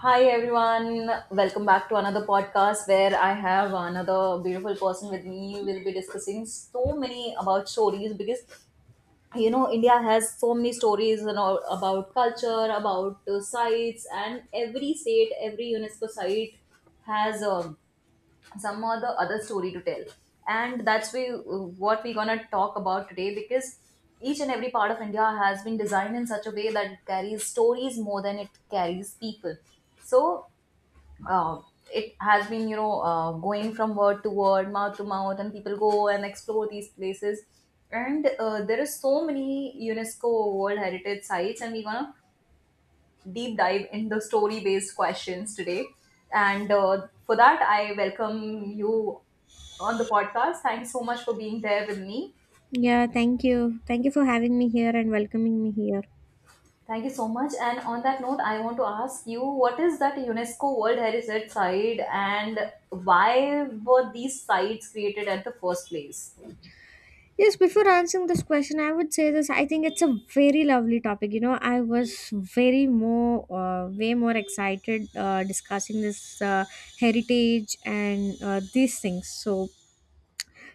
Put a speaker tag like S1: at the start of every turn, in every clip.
S1: Hi everyone, welcome back to another podcast where I have another beautiful person with me. We'll be discussing so many about stories, because India has so many stories and all about culture, about sites, and every state, every UNESCO site has some or the other story to tell. And what we're gonna talk about today, because each and every part of India has been designed in such a way that it carries stories more than it carries people. So uh, it has been, going from word to word, mouth to mouth, and people go and explore these places, and there is so many UNESCO World Heritage Sites, and we're gonna deep dive in the story based questions today. And for that, I welcome you on the podcast. Thanks so much for being there with me.
S2: Yeah, thank you. Thank you for having me here and welcoming me here.
S1: Thank you so much. And on that note, I want to ask you, what is that UNESCO World Heritage Site, and why were these sites created at the first place?
S2: Yes, before answering this question, I would say this. I think it's a very lovely topic. I was very more, way more excited discussing this heritage and these things. So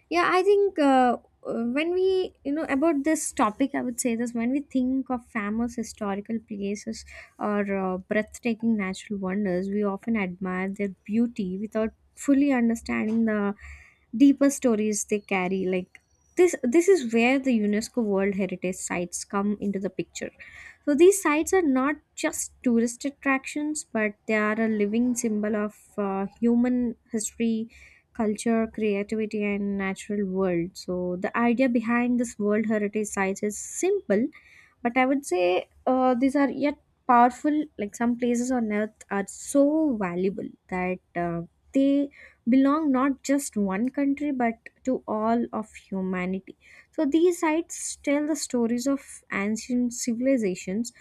S2: yeah, I think when we about this topic, I would say this. When we think of famous historical places or breathtaking natural wonders, we often admire their beauty without fully understanding the deeper stories they carry. Like this is where the UNESCO World Heritage Sites come into the picture. So these sites are not just tourist attractions, but they are a living symbol of human history, culture, creativity, and natural world. So the idea behind this World Heritage Sites is simple, but I would say these are yet powerful. Like some places on earth are so valuable that they belong not just one country but to all of humanity. So these sites tell the stories of ancient civilizations,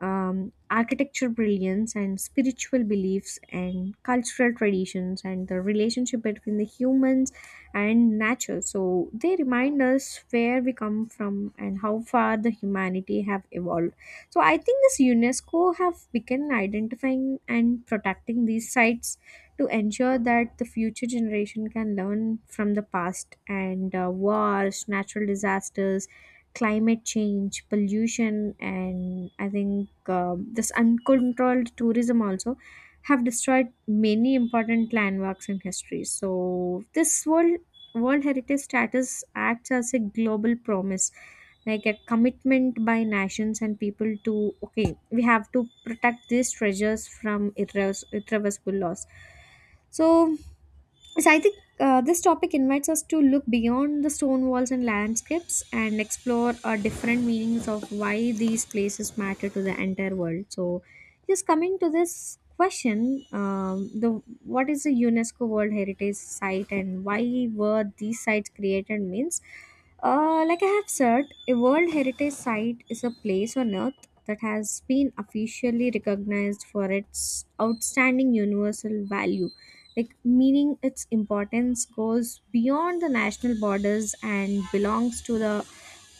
S2: architecture brilliance and spiritual beliefs and cultural traditions and the relationship between the humans and nature. So they remind us where we come from and how far the humanity have evolved. So I think this UNESCO have begun identifying and protecting these sites to ensure that the future generation can learn from the past, and wars, natural disasters, climate change, pollution, and I think this uncontrolled tourism also have destroyed many important landmarks in history. So this World Heritage status acts as a global promise, like a commitment by nations and people to, okay, we have to protect these treasures from irreversible loss. So I think this topic invites us to look beyond the stone walls and landscapes and explore different meanings of why these places matter to the entire world. So, just coming to this question, the what is the UNESCO World Heritage Site and why were these sites created means like I have said, a World Heritage Site is a place on earth that has been officially recognized for its outstanding universal value, like meaning its importance goes beyond the national borders and belongs to the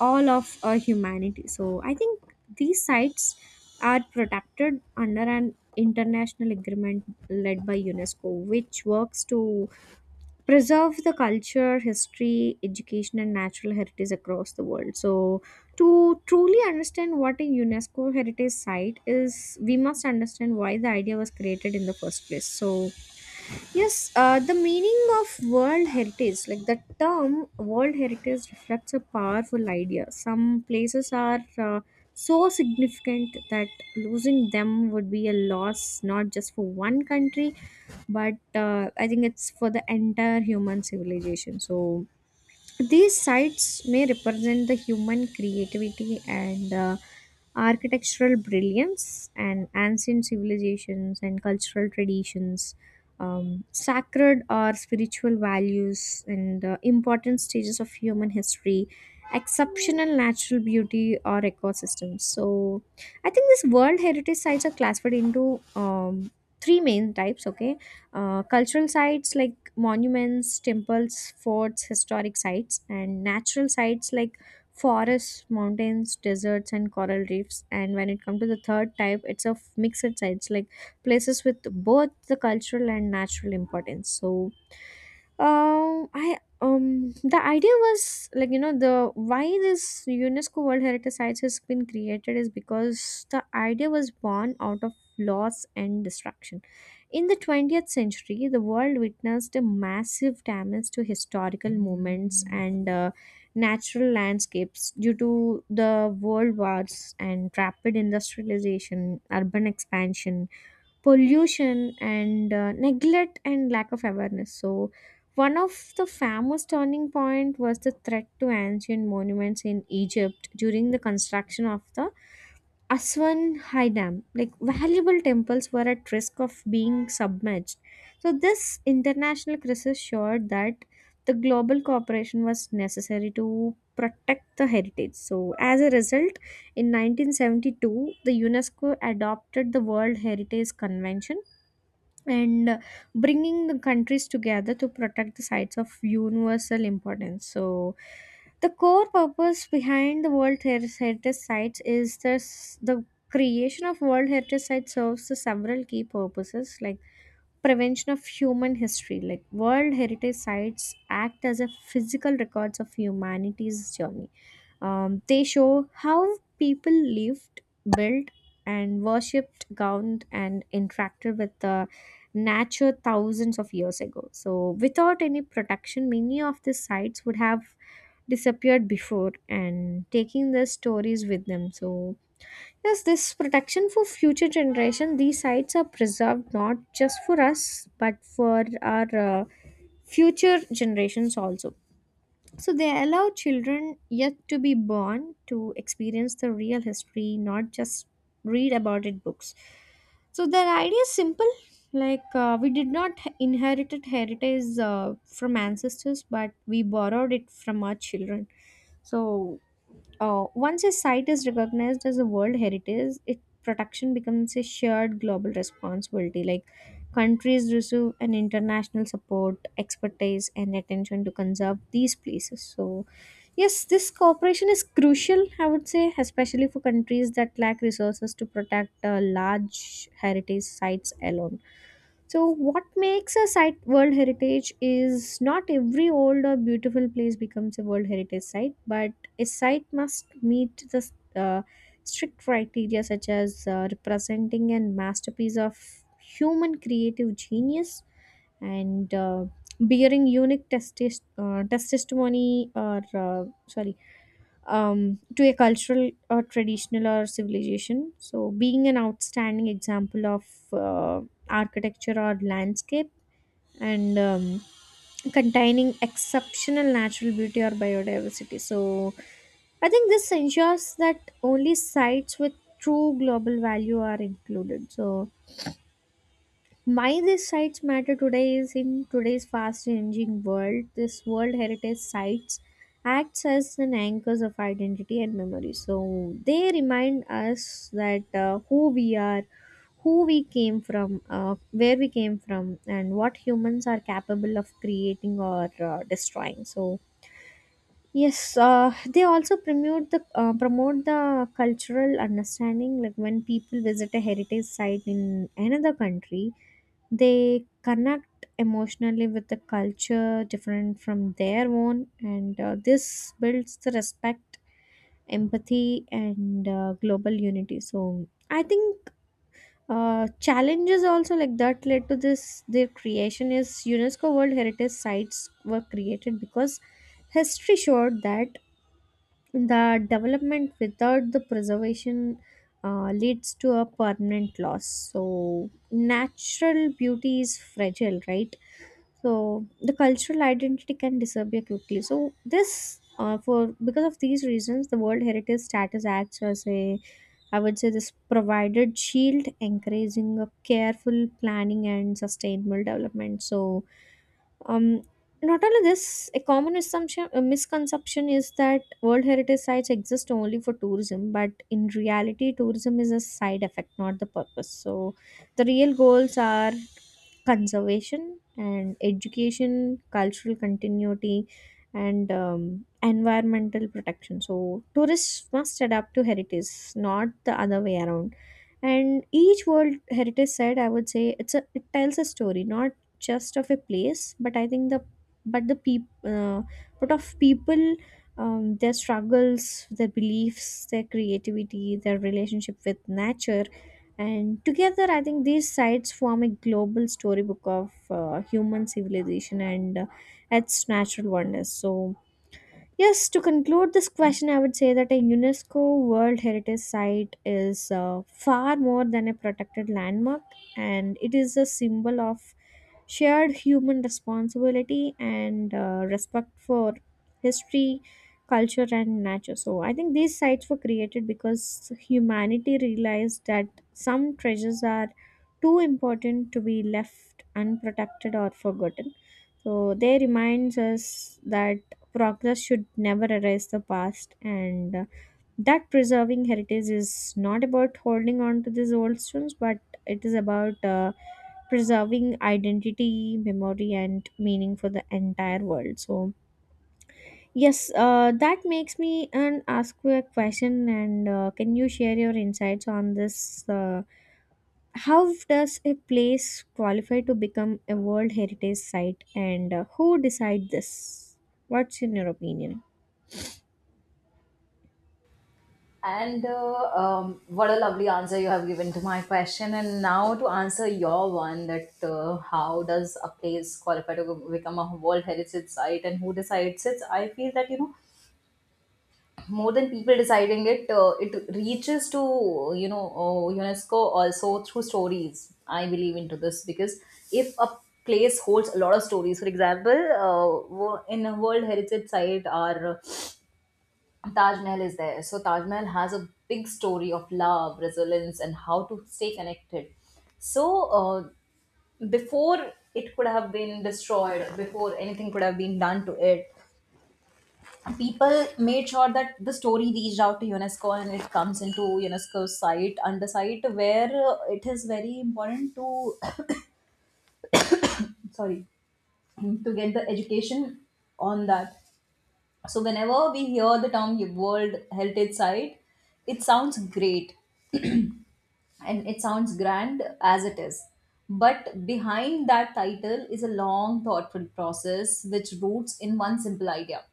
S2: all of humanity. So I think these sites are protected under an international agreement led by UNESCO, which works to preserve the culture, history, education and natural heritage across the world. So to truly understand what a UNESCO heritage site is, we must understand why the idea was created in the first place. So yes, the meaning of World Heritage, like the term World Heritage, reflects a powerful idea. Some places are so significant that losing them would be a loss not just for one country, but I think it's for the entire human civilization. So, these sites may represent the human creativity and architectural brilliance and ancient civilizations and cultural traditions, sacred or spiritual values, and important stages of human history, exceptional natural beauty or ecosystems. So, I think these World Heritage Sites are classified into three main types. Okay, cultural sites like monuments, temples, forts, historic sites, and natural sites like forests, mountains, deserts, and coral reefs. And when it comes to the third type, it's of mixed sites like places with both the cultural and natural importance. So I the idea was like, the why this UNESCO World Heritage Sites has been created is because the idea was born out of loss and destruction. In the 20th century, the world witnessed a massive damage to historical moments and natural landscapes due to the world wars and rapid industrialization, urban expansion, pollution and neglect and lack of awareness. So one of the famous turning point was the threat to ancient monuments in Egypt during the construction of the Aswan High Dam. Like valuable temples were at risk of being submerged. So this international crisis showed that the global cooperation was necessary to protect the heritage. So as a result, in 1972, the UNESCO adopted the World Heritage Convention and bringing the countries together to protect the sites of universal importance. So, the core purpose behind the Heritage Sites is this. The creation of World Heritage Sites serves the several key purposes like prevention of human history. Like world heritage sites act as a physical records of humanity's journey. They show how people lived, built, and worshipped, gowned, and interacted with the nature thousands of years ago. So, without any protection, many of these sites would have disappeared before and taking the stories with them. So, yes, this protection for future generation, these sites are preserved not just for us but for our future generations also. So they allow children yet to be born to experience the real history, not just read about it books. So their idea is simple. Like we did not inherited heritage from ancestors, but we borrowed it from our children. So once a site is recognized as a world heritage, its protection becomes a shared global responsibility. Like countries receive an international support, expertise, and attention to conserve these places. So yes, this cooperation is crucial, I would say, especially for countries that lack resources to protect large heritage sites alone. So, what makes a site World Heritage is not every old or beautiful place becomes a World Heritage site, but a site must meet the uh, strict criteria such as representing a masterpiece of human creative genius and bearing unique testimony or sorry, to a cultural or traditional or civilization. So, being an outstanding example of uh, architecture or landscape and containing exceptional natural beauty or biodiversity. So, I think this ensures that only sites with true global value are included. So, why these sites matter today is in today's fast-changing world, this World Heritage Sites acts as an anchors of identity and memory. So they remind us that who we are, who we came from, where we came from, and what humans are capable of creating or destroying. So yes, they also promote the cultural understanding. Like when people visit a heritage site in another country, they connect emotionally with the culture different from their own, and this builds the respect, empathy and global unity. So I think challenges also, like that led to this their creation is UNESCO World Heritage Sites were created because history showed that the development without the preservation leads to a permanent loss. So, natural beauty is fragile, right? So, the cultural identity can disappear quickly. So, this for because of these reasons, the World Heritage status acts as a, I would say, this provided shield, encouraging a careful planning and sustainable development. So, um, not only this, a common assumption, a misconception is that World Heritage Sites exist only for tourism, but in reality, tourism is a side effect, not the purpose. So, the real goals are conservation and education, cultural continuity, and environmental protection. So, tourists must adapt to heritage, not the other way around. And each World Heritage Site, I would say, it tells a story, not just of a place, but I think the but the peop, but of people, their struggles, their beliefs, their creativity, their relationship with nature, and together, I think these sites form a global storybook of human civilization and its natural wonders. So, yes, to conclude this question, I would say that a UNESCO World Heritage Site is far more than a protected landmark and it is a symbol of shared human responsibility and respect for history, culture, and nature. So, I think these sites were created because humanity realized that some treasures are too important to be left unprotected or forgotten. So they reminds us that progress should never erase the past, and that preserving heritage is not about holding on to these old stones, but it is about preserving identity, memory and meaning for the entire world. So yes, that makes me and ask you a question, and can you share your insights on this? How does a place qualify to become a World Heritage Site, and who decide this? What's in your opinion?
S1: And what a lovely answer you have given to my question. And now, to answer your one, that how does a place qualify to become a World Heritage Site, and who decides it? I feel that, more than people deciding it, it reaches to UNESCO also through stories. I believe into this, because if a place holds a lot of stories. For example, in a World Heritage Site, our Taj Mahal is there. So Taj Mahal has a big story of love, resilience, and how to stay connected. So uh, before it could have been destroyed, before anything could have been done to it, people made sure that the story reached out to UNESCO, and it comes into UNESCO's site under site where it is very important to sorry, to get the education on that. So whenever we hear the term World Heritage Site, it sounds great, and it sounds grand as it is. But behind that title is a long, thoughtful process which roots in one simple idea.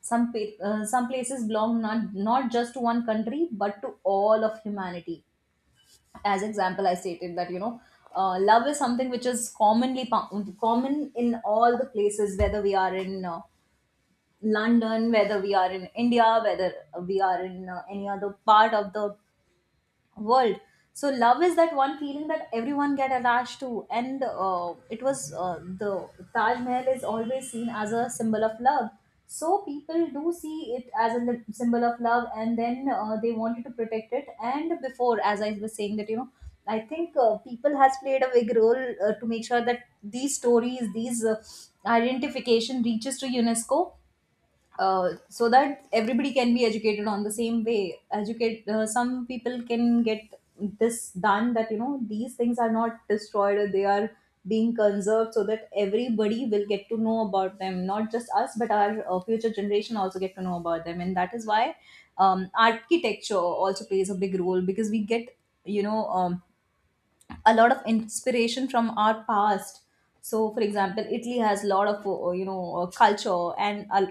S1: Some places belong, not just to one country but to all of humanity. As example, I stated that, love is something which is commonly common in all the places, whether we are in London, whether we are in India, whether we are in any other part of the world. So love is that one feeling that everyone get attached to, and it was the Taj Mahal is always seen as a symbol of love. So people do see it as a symbol of love, and then they wanted to protect it. And before, as I was saying, that I think people has played a big role to make sure that these stories, these identification reaches to UNESCO, so that everybody can be educated on the same way, educate some people can get this done, that these things are not destroyed or they are being conserved, so that everybody will get to know about them, not just us but our future generation also get to know about them. And that is why architecture also plays a big role, because we get you know um, a lot of inspiration from our past. So for example, Italy has a lot of culture and a,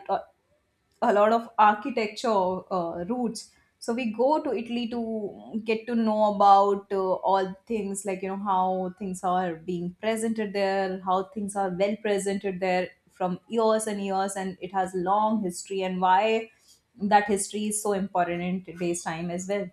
S1: a lot of architecture roots. So we go to Italy to get to know about all things, like how things are being presented there, how things are well presented there from years and years, and it has long history, and why that history is so important in today's time as well.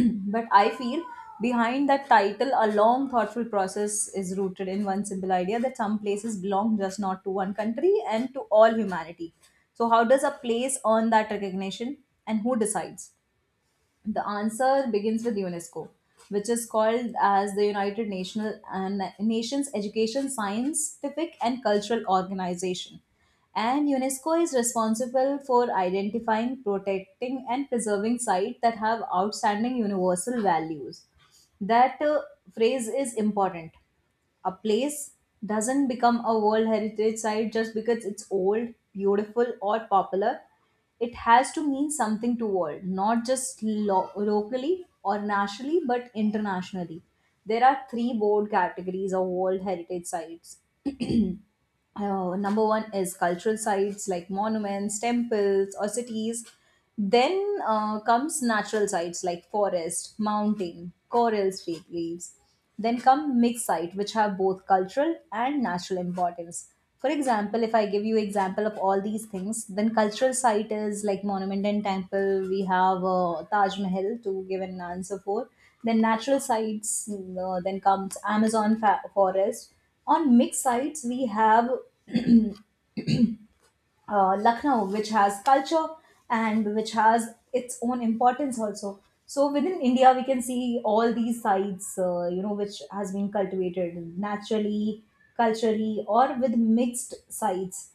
S1: But I feel behind that title, a long, thoughtful process is rooted in one simple idea, that some places belong just not to one country and to all humanity. So how does a place earn that recognition, and who decides? The answer begins with UNESCO, which is called as the United National and Nations Education, Scientific and Cultural Organization. And UNESCO is responsible for identifying, protecting, and preserving sites that have outstanding universal values. That phrase is important. A place doesn't become a World Heritage Site just because it's old, beautiful, or popular. It has to mean something to world, not just locally or nationally, but internationally. There are three broad categories of World Heritage Sites. Number one is cultural sites like monuments, temples, or cities. Then comes natural sites like forest, mountain, corals, fake reefs. Then come mixed site which have both cultural and natural importance. For example, if I give you example of all these things, then cultural site is like monument and temple. We have Taj Mahal to give an answer for. Then natural sites. Then comes Amazon forest. On mixed sites we have Lucknow, which has culture and which has its own importance also. So within India, we can see all these sites, which has been cultivated naturally, culturally, or with mixed sites.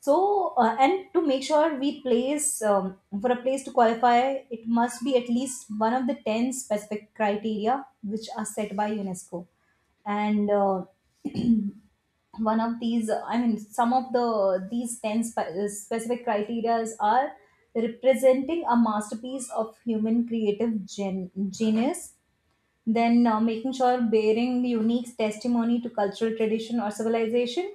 S1: So and to make sure we place, for a place to qualify, it must be at least one of the 10 specific criteria which are set by UNESCO. And one of these, I mean, some of the these 10 specific criterias are: representing a masterpiece of human creative genius; then making sure, bearing unique testimony to cultural tradition or civilization;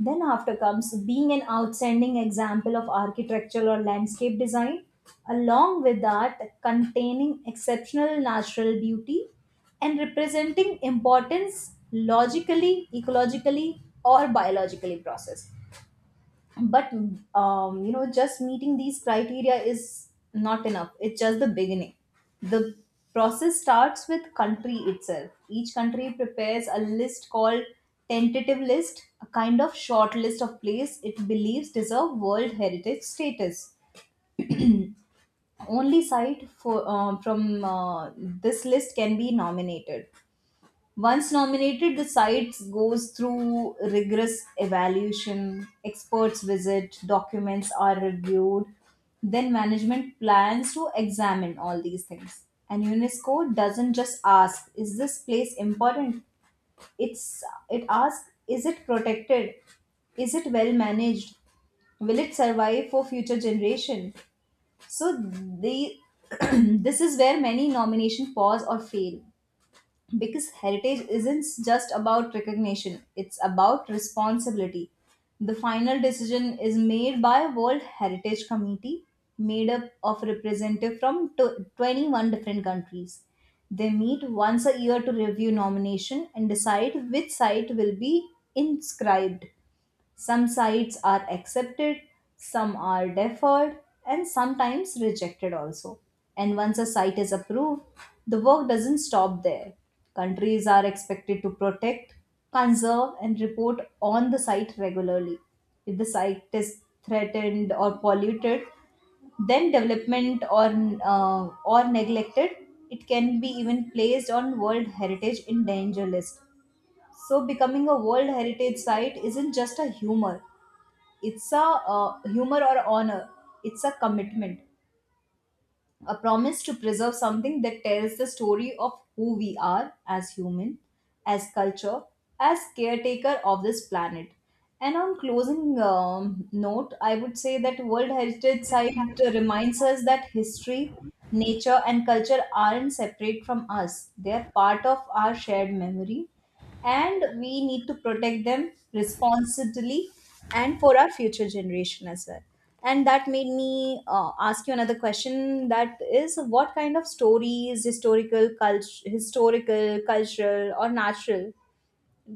S1: then after comes being an outstanding example of architectural or landscape design; along with that, containing exceptional natural beauty; and representing importance logically, ecologically, or biologically processed. But just meeting these criteria is not enough, it's just the beginning. The process starts with country itself. Each country prepares a list called tentative list, a kind of short list of place it believes deserve world heritage status. Only site for from this list can be nominated. Once nominated, the site goes through rigorous evaluation, experts visit, documents are reviewed, then management plans to examine all these things. And UNESCO doesn't just ask, is this place important? It's it asks, is it protected? Is it well managed? Will it survive for future generation? So they, this is where many nomination pause or fail, because heritage isn't just about recognition, it's about responsibility. The final decision is made by World Heritage Committee, made up of representatives from 21 different countries. They meet once a year to review nomination and decide which site will be inscribed. Some sites are accepted, some are deferred, and sometimes rejected also. And once a site is approved, the work doesn't stop there. Countries are expected to protect, conserve, and report on the site regularly. If the site is threatened or polluted, then development, or neglected, it can be even placed on World Heritage in danger list. So becoming a World Heritage Site isn't just a humor. It's a humor or honor. It's a commitment, a promise to preserve something that tells the story of who we are as human, as culture, as caretaker of this planet. And on closing note, I would say that World Heritage Site reminds us that history, nature, and culture aren't separate from us. They are part of our shared memory, and we need to protect them responsibly and for our future generation as well. And that made me ask you another question, that is, what kind of stories, historical culture, historical cultural or natural,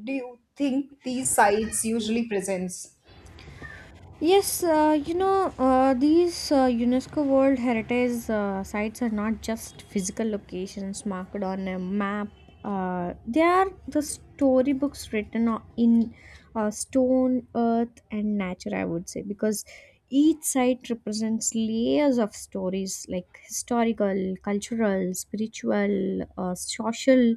S1: do you think these sites usually presents?
S2: Yes, these UNESCO World Heritage sites are not just physical locations marked on a map. They are the storybooks written in stone, earth, and nature, I would say, because each site represents layers of stories like historical, cultural, spiritual, social,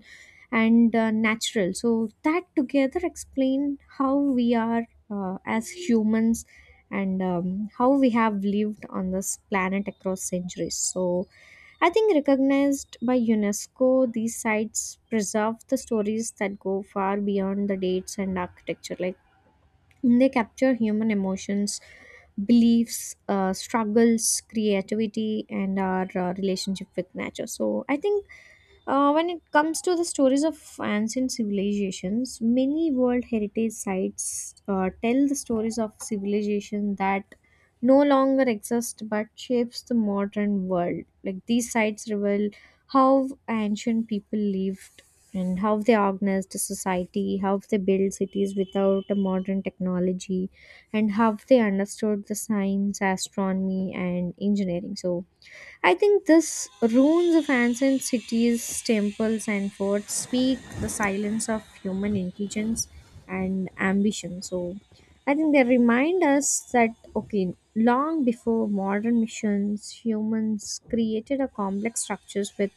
S2: and natural. So, that together explain how we are as humans and how we have lived on this planet across centuries. So, I think recognized by UNESCO, these sites preserve the stories that go far beyond the dates and architecture. Like they capture human emotions, beliefs, struggles, creativity, and our relationship with nature. So, I think when it comes to the stories of ancient civilizations, many World Heritage Sites tell the stories of civilization that no longer exist but shapes the modern world. Like these sites reveal how ancient people lived and how they organized society, how they built cities without a modern technology, and how they understood the science, astronomy, and engineering. So I think this ruins of ancient cities, temples, and forts speak the silence of human intelligence and ambition. So, I think they remind us that okay, long before modern missions, humans created a complex structures with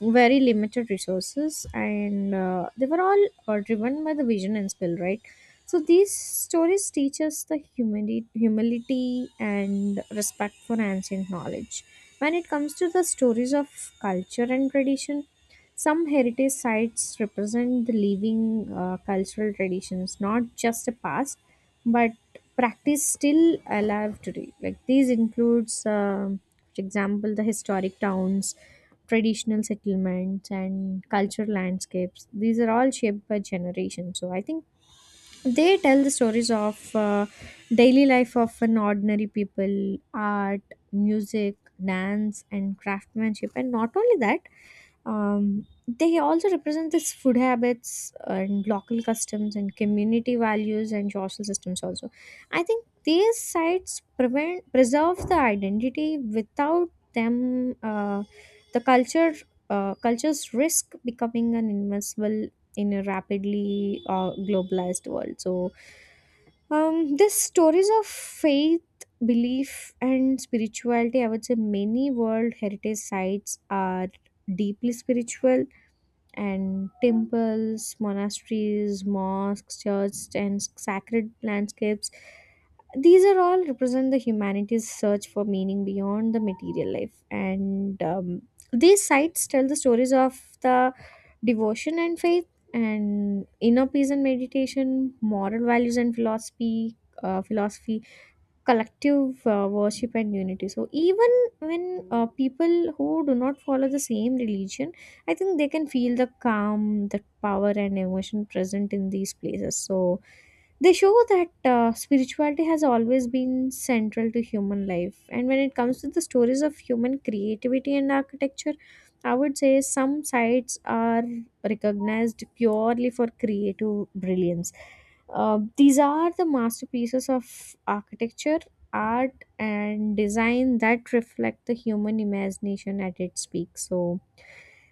S2: very limited resources and they were all driven by the vision and skill, right? So these stories teach us the humility, humility and respect for ancient knowledge. When it comes to the stories of culture and tradition, some heritage sites represent the living cultural traditions, not just the past but practice still alive today. Like these includes, for example, the historic towns, traditional settlements, and cultural landscapes. These are all shaped by generations. So I think they tell the stories of daily life of an ordinary people, art, music, dance, and craftsmanship. And not only that, they also represent this food habits and local customs and community values and social systems also. I think these sites prevent preserve the identity. Without them, the culture, cultures risk becoming an invisible in a rapidly globalized world. So, these stories of faith, belief and spirituality, I would say many world heritage sites are deeply spiritual, and temples, monasteries, mosques, churches, and sacred landscapes. These are all represent the humanity's search for meaning beyond the material life, and, these sites tell the stories of the devotion and faith, and inner peace and meditation, moral values and philosophy, philosophy, collective worship and unity. So even when people who do not follow the same religion, I think they can feel the calm, the power and emotion present in these places. So they show that spirituality has always been central to human life. And when it comes to the stories of human creativity and architecture, I would say some sites are recognized purely for creative brilliance. These are the masterpieces of architecture, art, and design that reflect the human imagination at its peak. So,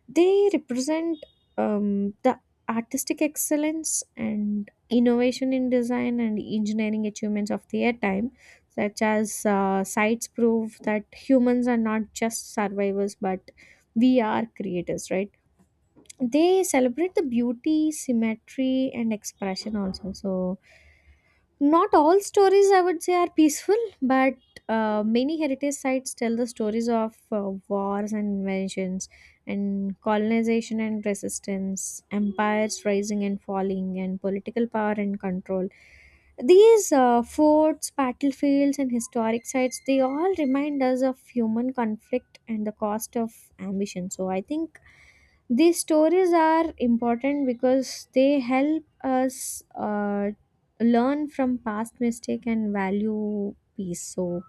S2: they represent, the artistic excellence and innovation in design and engineering achievements of their time, such as sites prove that humans are not just survivors but we are creators, right? They celebrate the beauty, symmetry, and expression also. So, not all stories, I would say, are peaceful, but many heritage sites tell the stories of wars and inventions, and colonization and resistance, empires rising and falling, and political power and control. These forts, battlefields, and historic sites, they all remind us of human conflict and the cost of ambition. So I think these stories are important because they help us learn from past mistake and value peace. So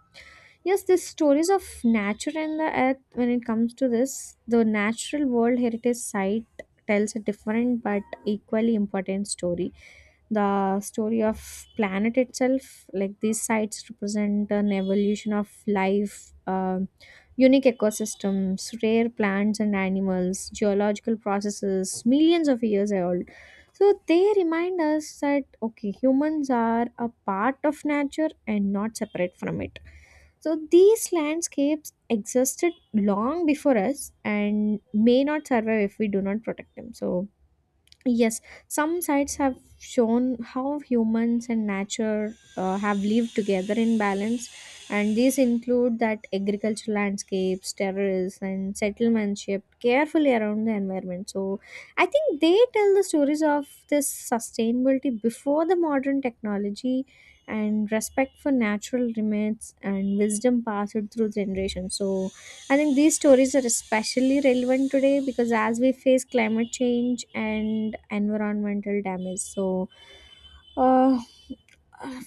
S2: yes, these stories of nature and the earth, when it comes to this, the Natural World Heritage Site tells a different but equally important story. The story of planet itself, like these sites represent an evolution of life, um unique ecosystems, rare plants and animals, geological processes, millions of years old. So they remind us that okay, humans are a part of nature and not separate from it. So these landscapes existed long before us and may not survive if we do not protect them. So yes, some sites have shown how humans and nature have lived together in balance, and these include that agricultural landscapes, terraces, and settlements shaped carefully around the environment. So, I think they tell the stories of this sustainability before the modern technology and respect for natural limits and wisdom passed through generations. So, I think these stories are especially relevant today because as we face climate change and environmental damage, so uh,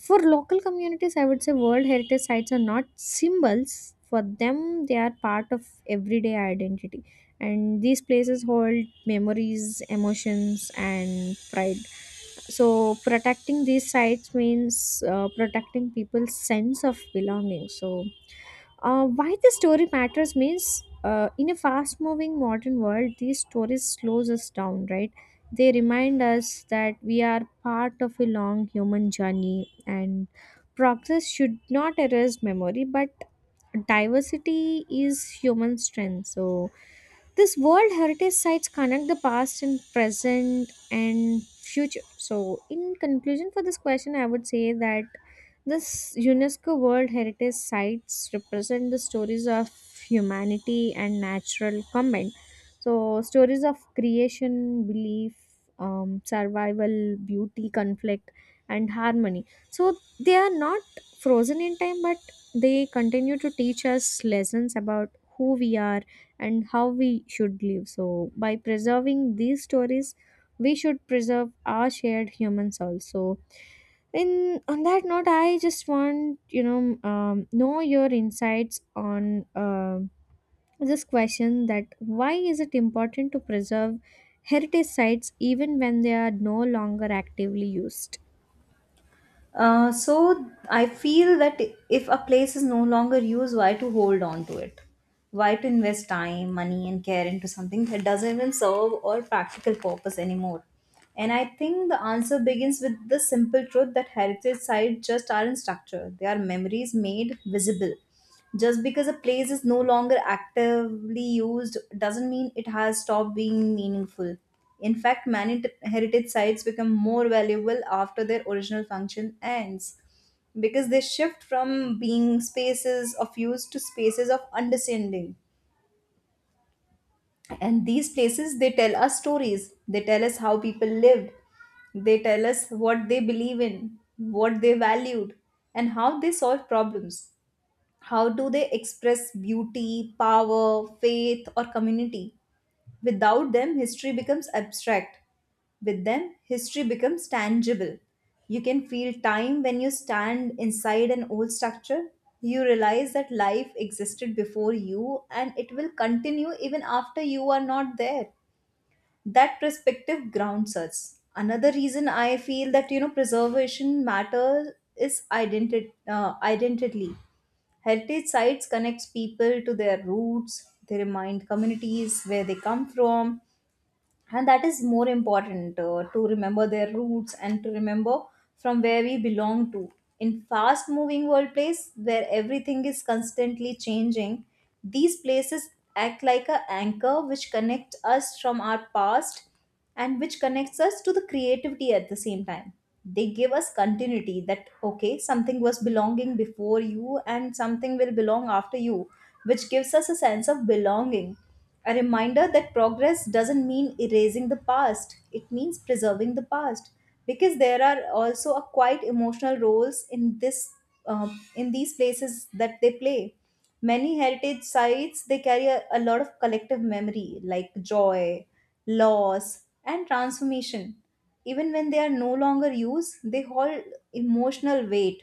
S2: for local communities, I would say World Heritage Sites are not symbols. For them, they are part of everyday identity. And these places hold memories, emotions, and pride. So, protecting these sites means protecting people's sense of belonging. So, why the story matters means in a fast-moving modern world, these stories slows us down, right? They remind us that we are part of a long human journey, and progress should not erase memory, but diversity is human strength. So this World Heritage Sites connect the past and present and future. So, in conclusion for this question, I would say that this UNESCO World Heritage Sites represent the stories of humanity and natural combined. So, stories of creation, belief, survival, beauty, conflict, and harmony. So, they are not frozen in time, but they continue to teach us lessons about who we are and how we should live. So, by preserving these stories, we should preserve our shared humans also. In on that note, I just want you know your insights on this question that why is it important to preserve heritage sites even when they are no longer actively used?
S1: So I feel that if a place is no longer used, why to hold on to it? Why to invest time, money, and care into something that doesn't even serve or practical purpose anymore? And I think the answer begins with the simple truth that heritage sites just aren't structure; they are memories made visible. Just because a place is no longer actively used doesn't mean it has stopped being meaningful. In fact, many heritage sites become more valuable after their original function ends, because they shift from being spaces of use to spaces of understanding. And these places, they tell us stories, they tell us how people lived, they tell us what they believe in, what they valued, and how they solve problems. How do they express beauty, power, faith, or community? Without them, history becomes abstract. With them, history becomes tangible. You can feel time when you stand inside an old structure. You realize that life existed before you, and it will continue even after you are not there. That perspective grounds us. Another reason I feel that, preservation matters, is identity. Identity, heritage sites connects people to their roots, they remind communities where they come from. And that is more important, to remember their roots and to remember from where we belong to. In fast moving world place where everything is constantly changing, these places act like a anchor which connect us from our past, and which connects us to the creativity at the same time. They give us continuity, that okay, something was belonging before you, and something will belong after you, which gives us a sense of belonging, a reminder that progress doesn't mean erasing the past, it means preserving the past. Because there are also a quite emotional roles in this, in these places that they play. Many heritage sites they carry a lot of collective memory, like joy, loss, and transformation. Even when they are no longer used, they hold emotional weight,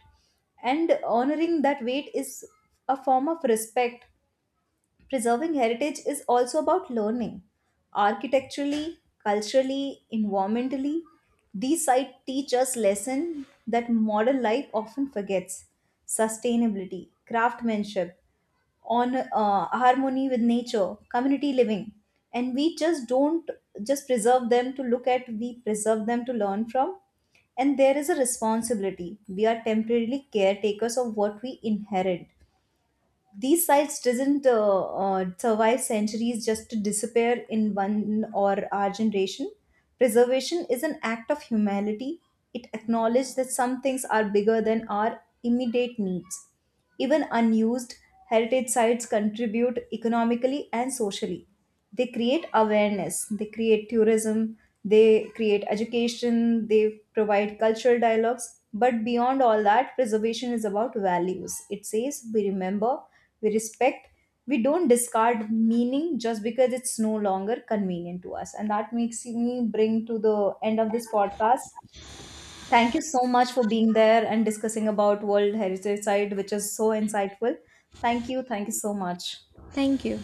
S1: and honoring that weight is a form of respect. Preserving heritage is also about learning. Architecturally, culturally, environmentally, these sites teach us lessons that modern life often forgets: sustainability, craftsmanship, on harmony with nature, community living. And we just don't just preserve them to look at, we preserve them to learn from. And there is a responsibility. We are temporarily caretakers of what we inherit. These sites doesn't survive centuries just to disappear in one or our generation. Preservation is an act of humanity. It acknowledges that some things are bigger than our immediate needs. Even unused heritage sites contribute economically and socially, they create awareness, they create tourism, they create education, they provide cultural dialogues. But beyond all that, preservation is about values. It says, we remember, we respect, we don't discard meaning just because it's no longer convenient to us. And that makes me bring to the end of this podcast. Thank you so much for being there and discussing about world heritage site, which is so insightful. Thank you. Thank you so much.
S2: Thank you.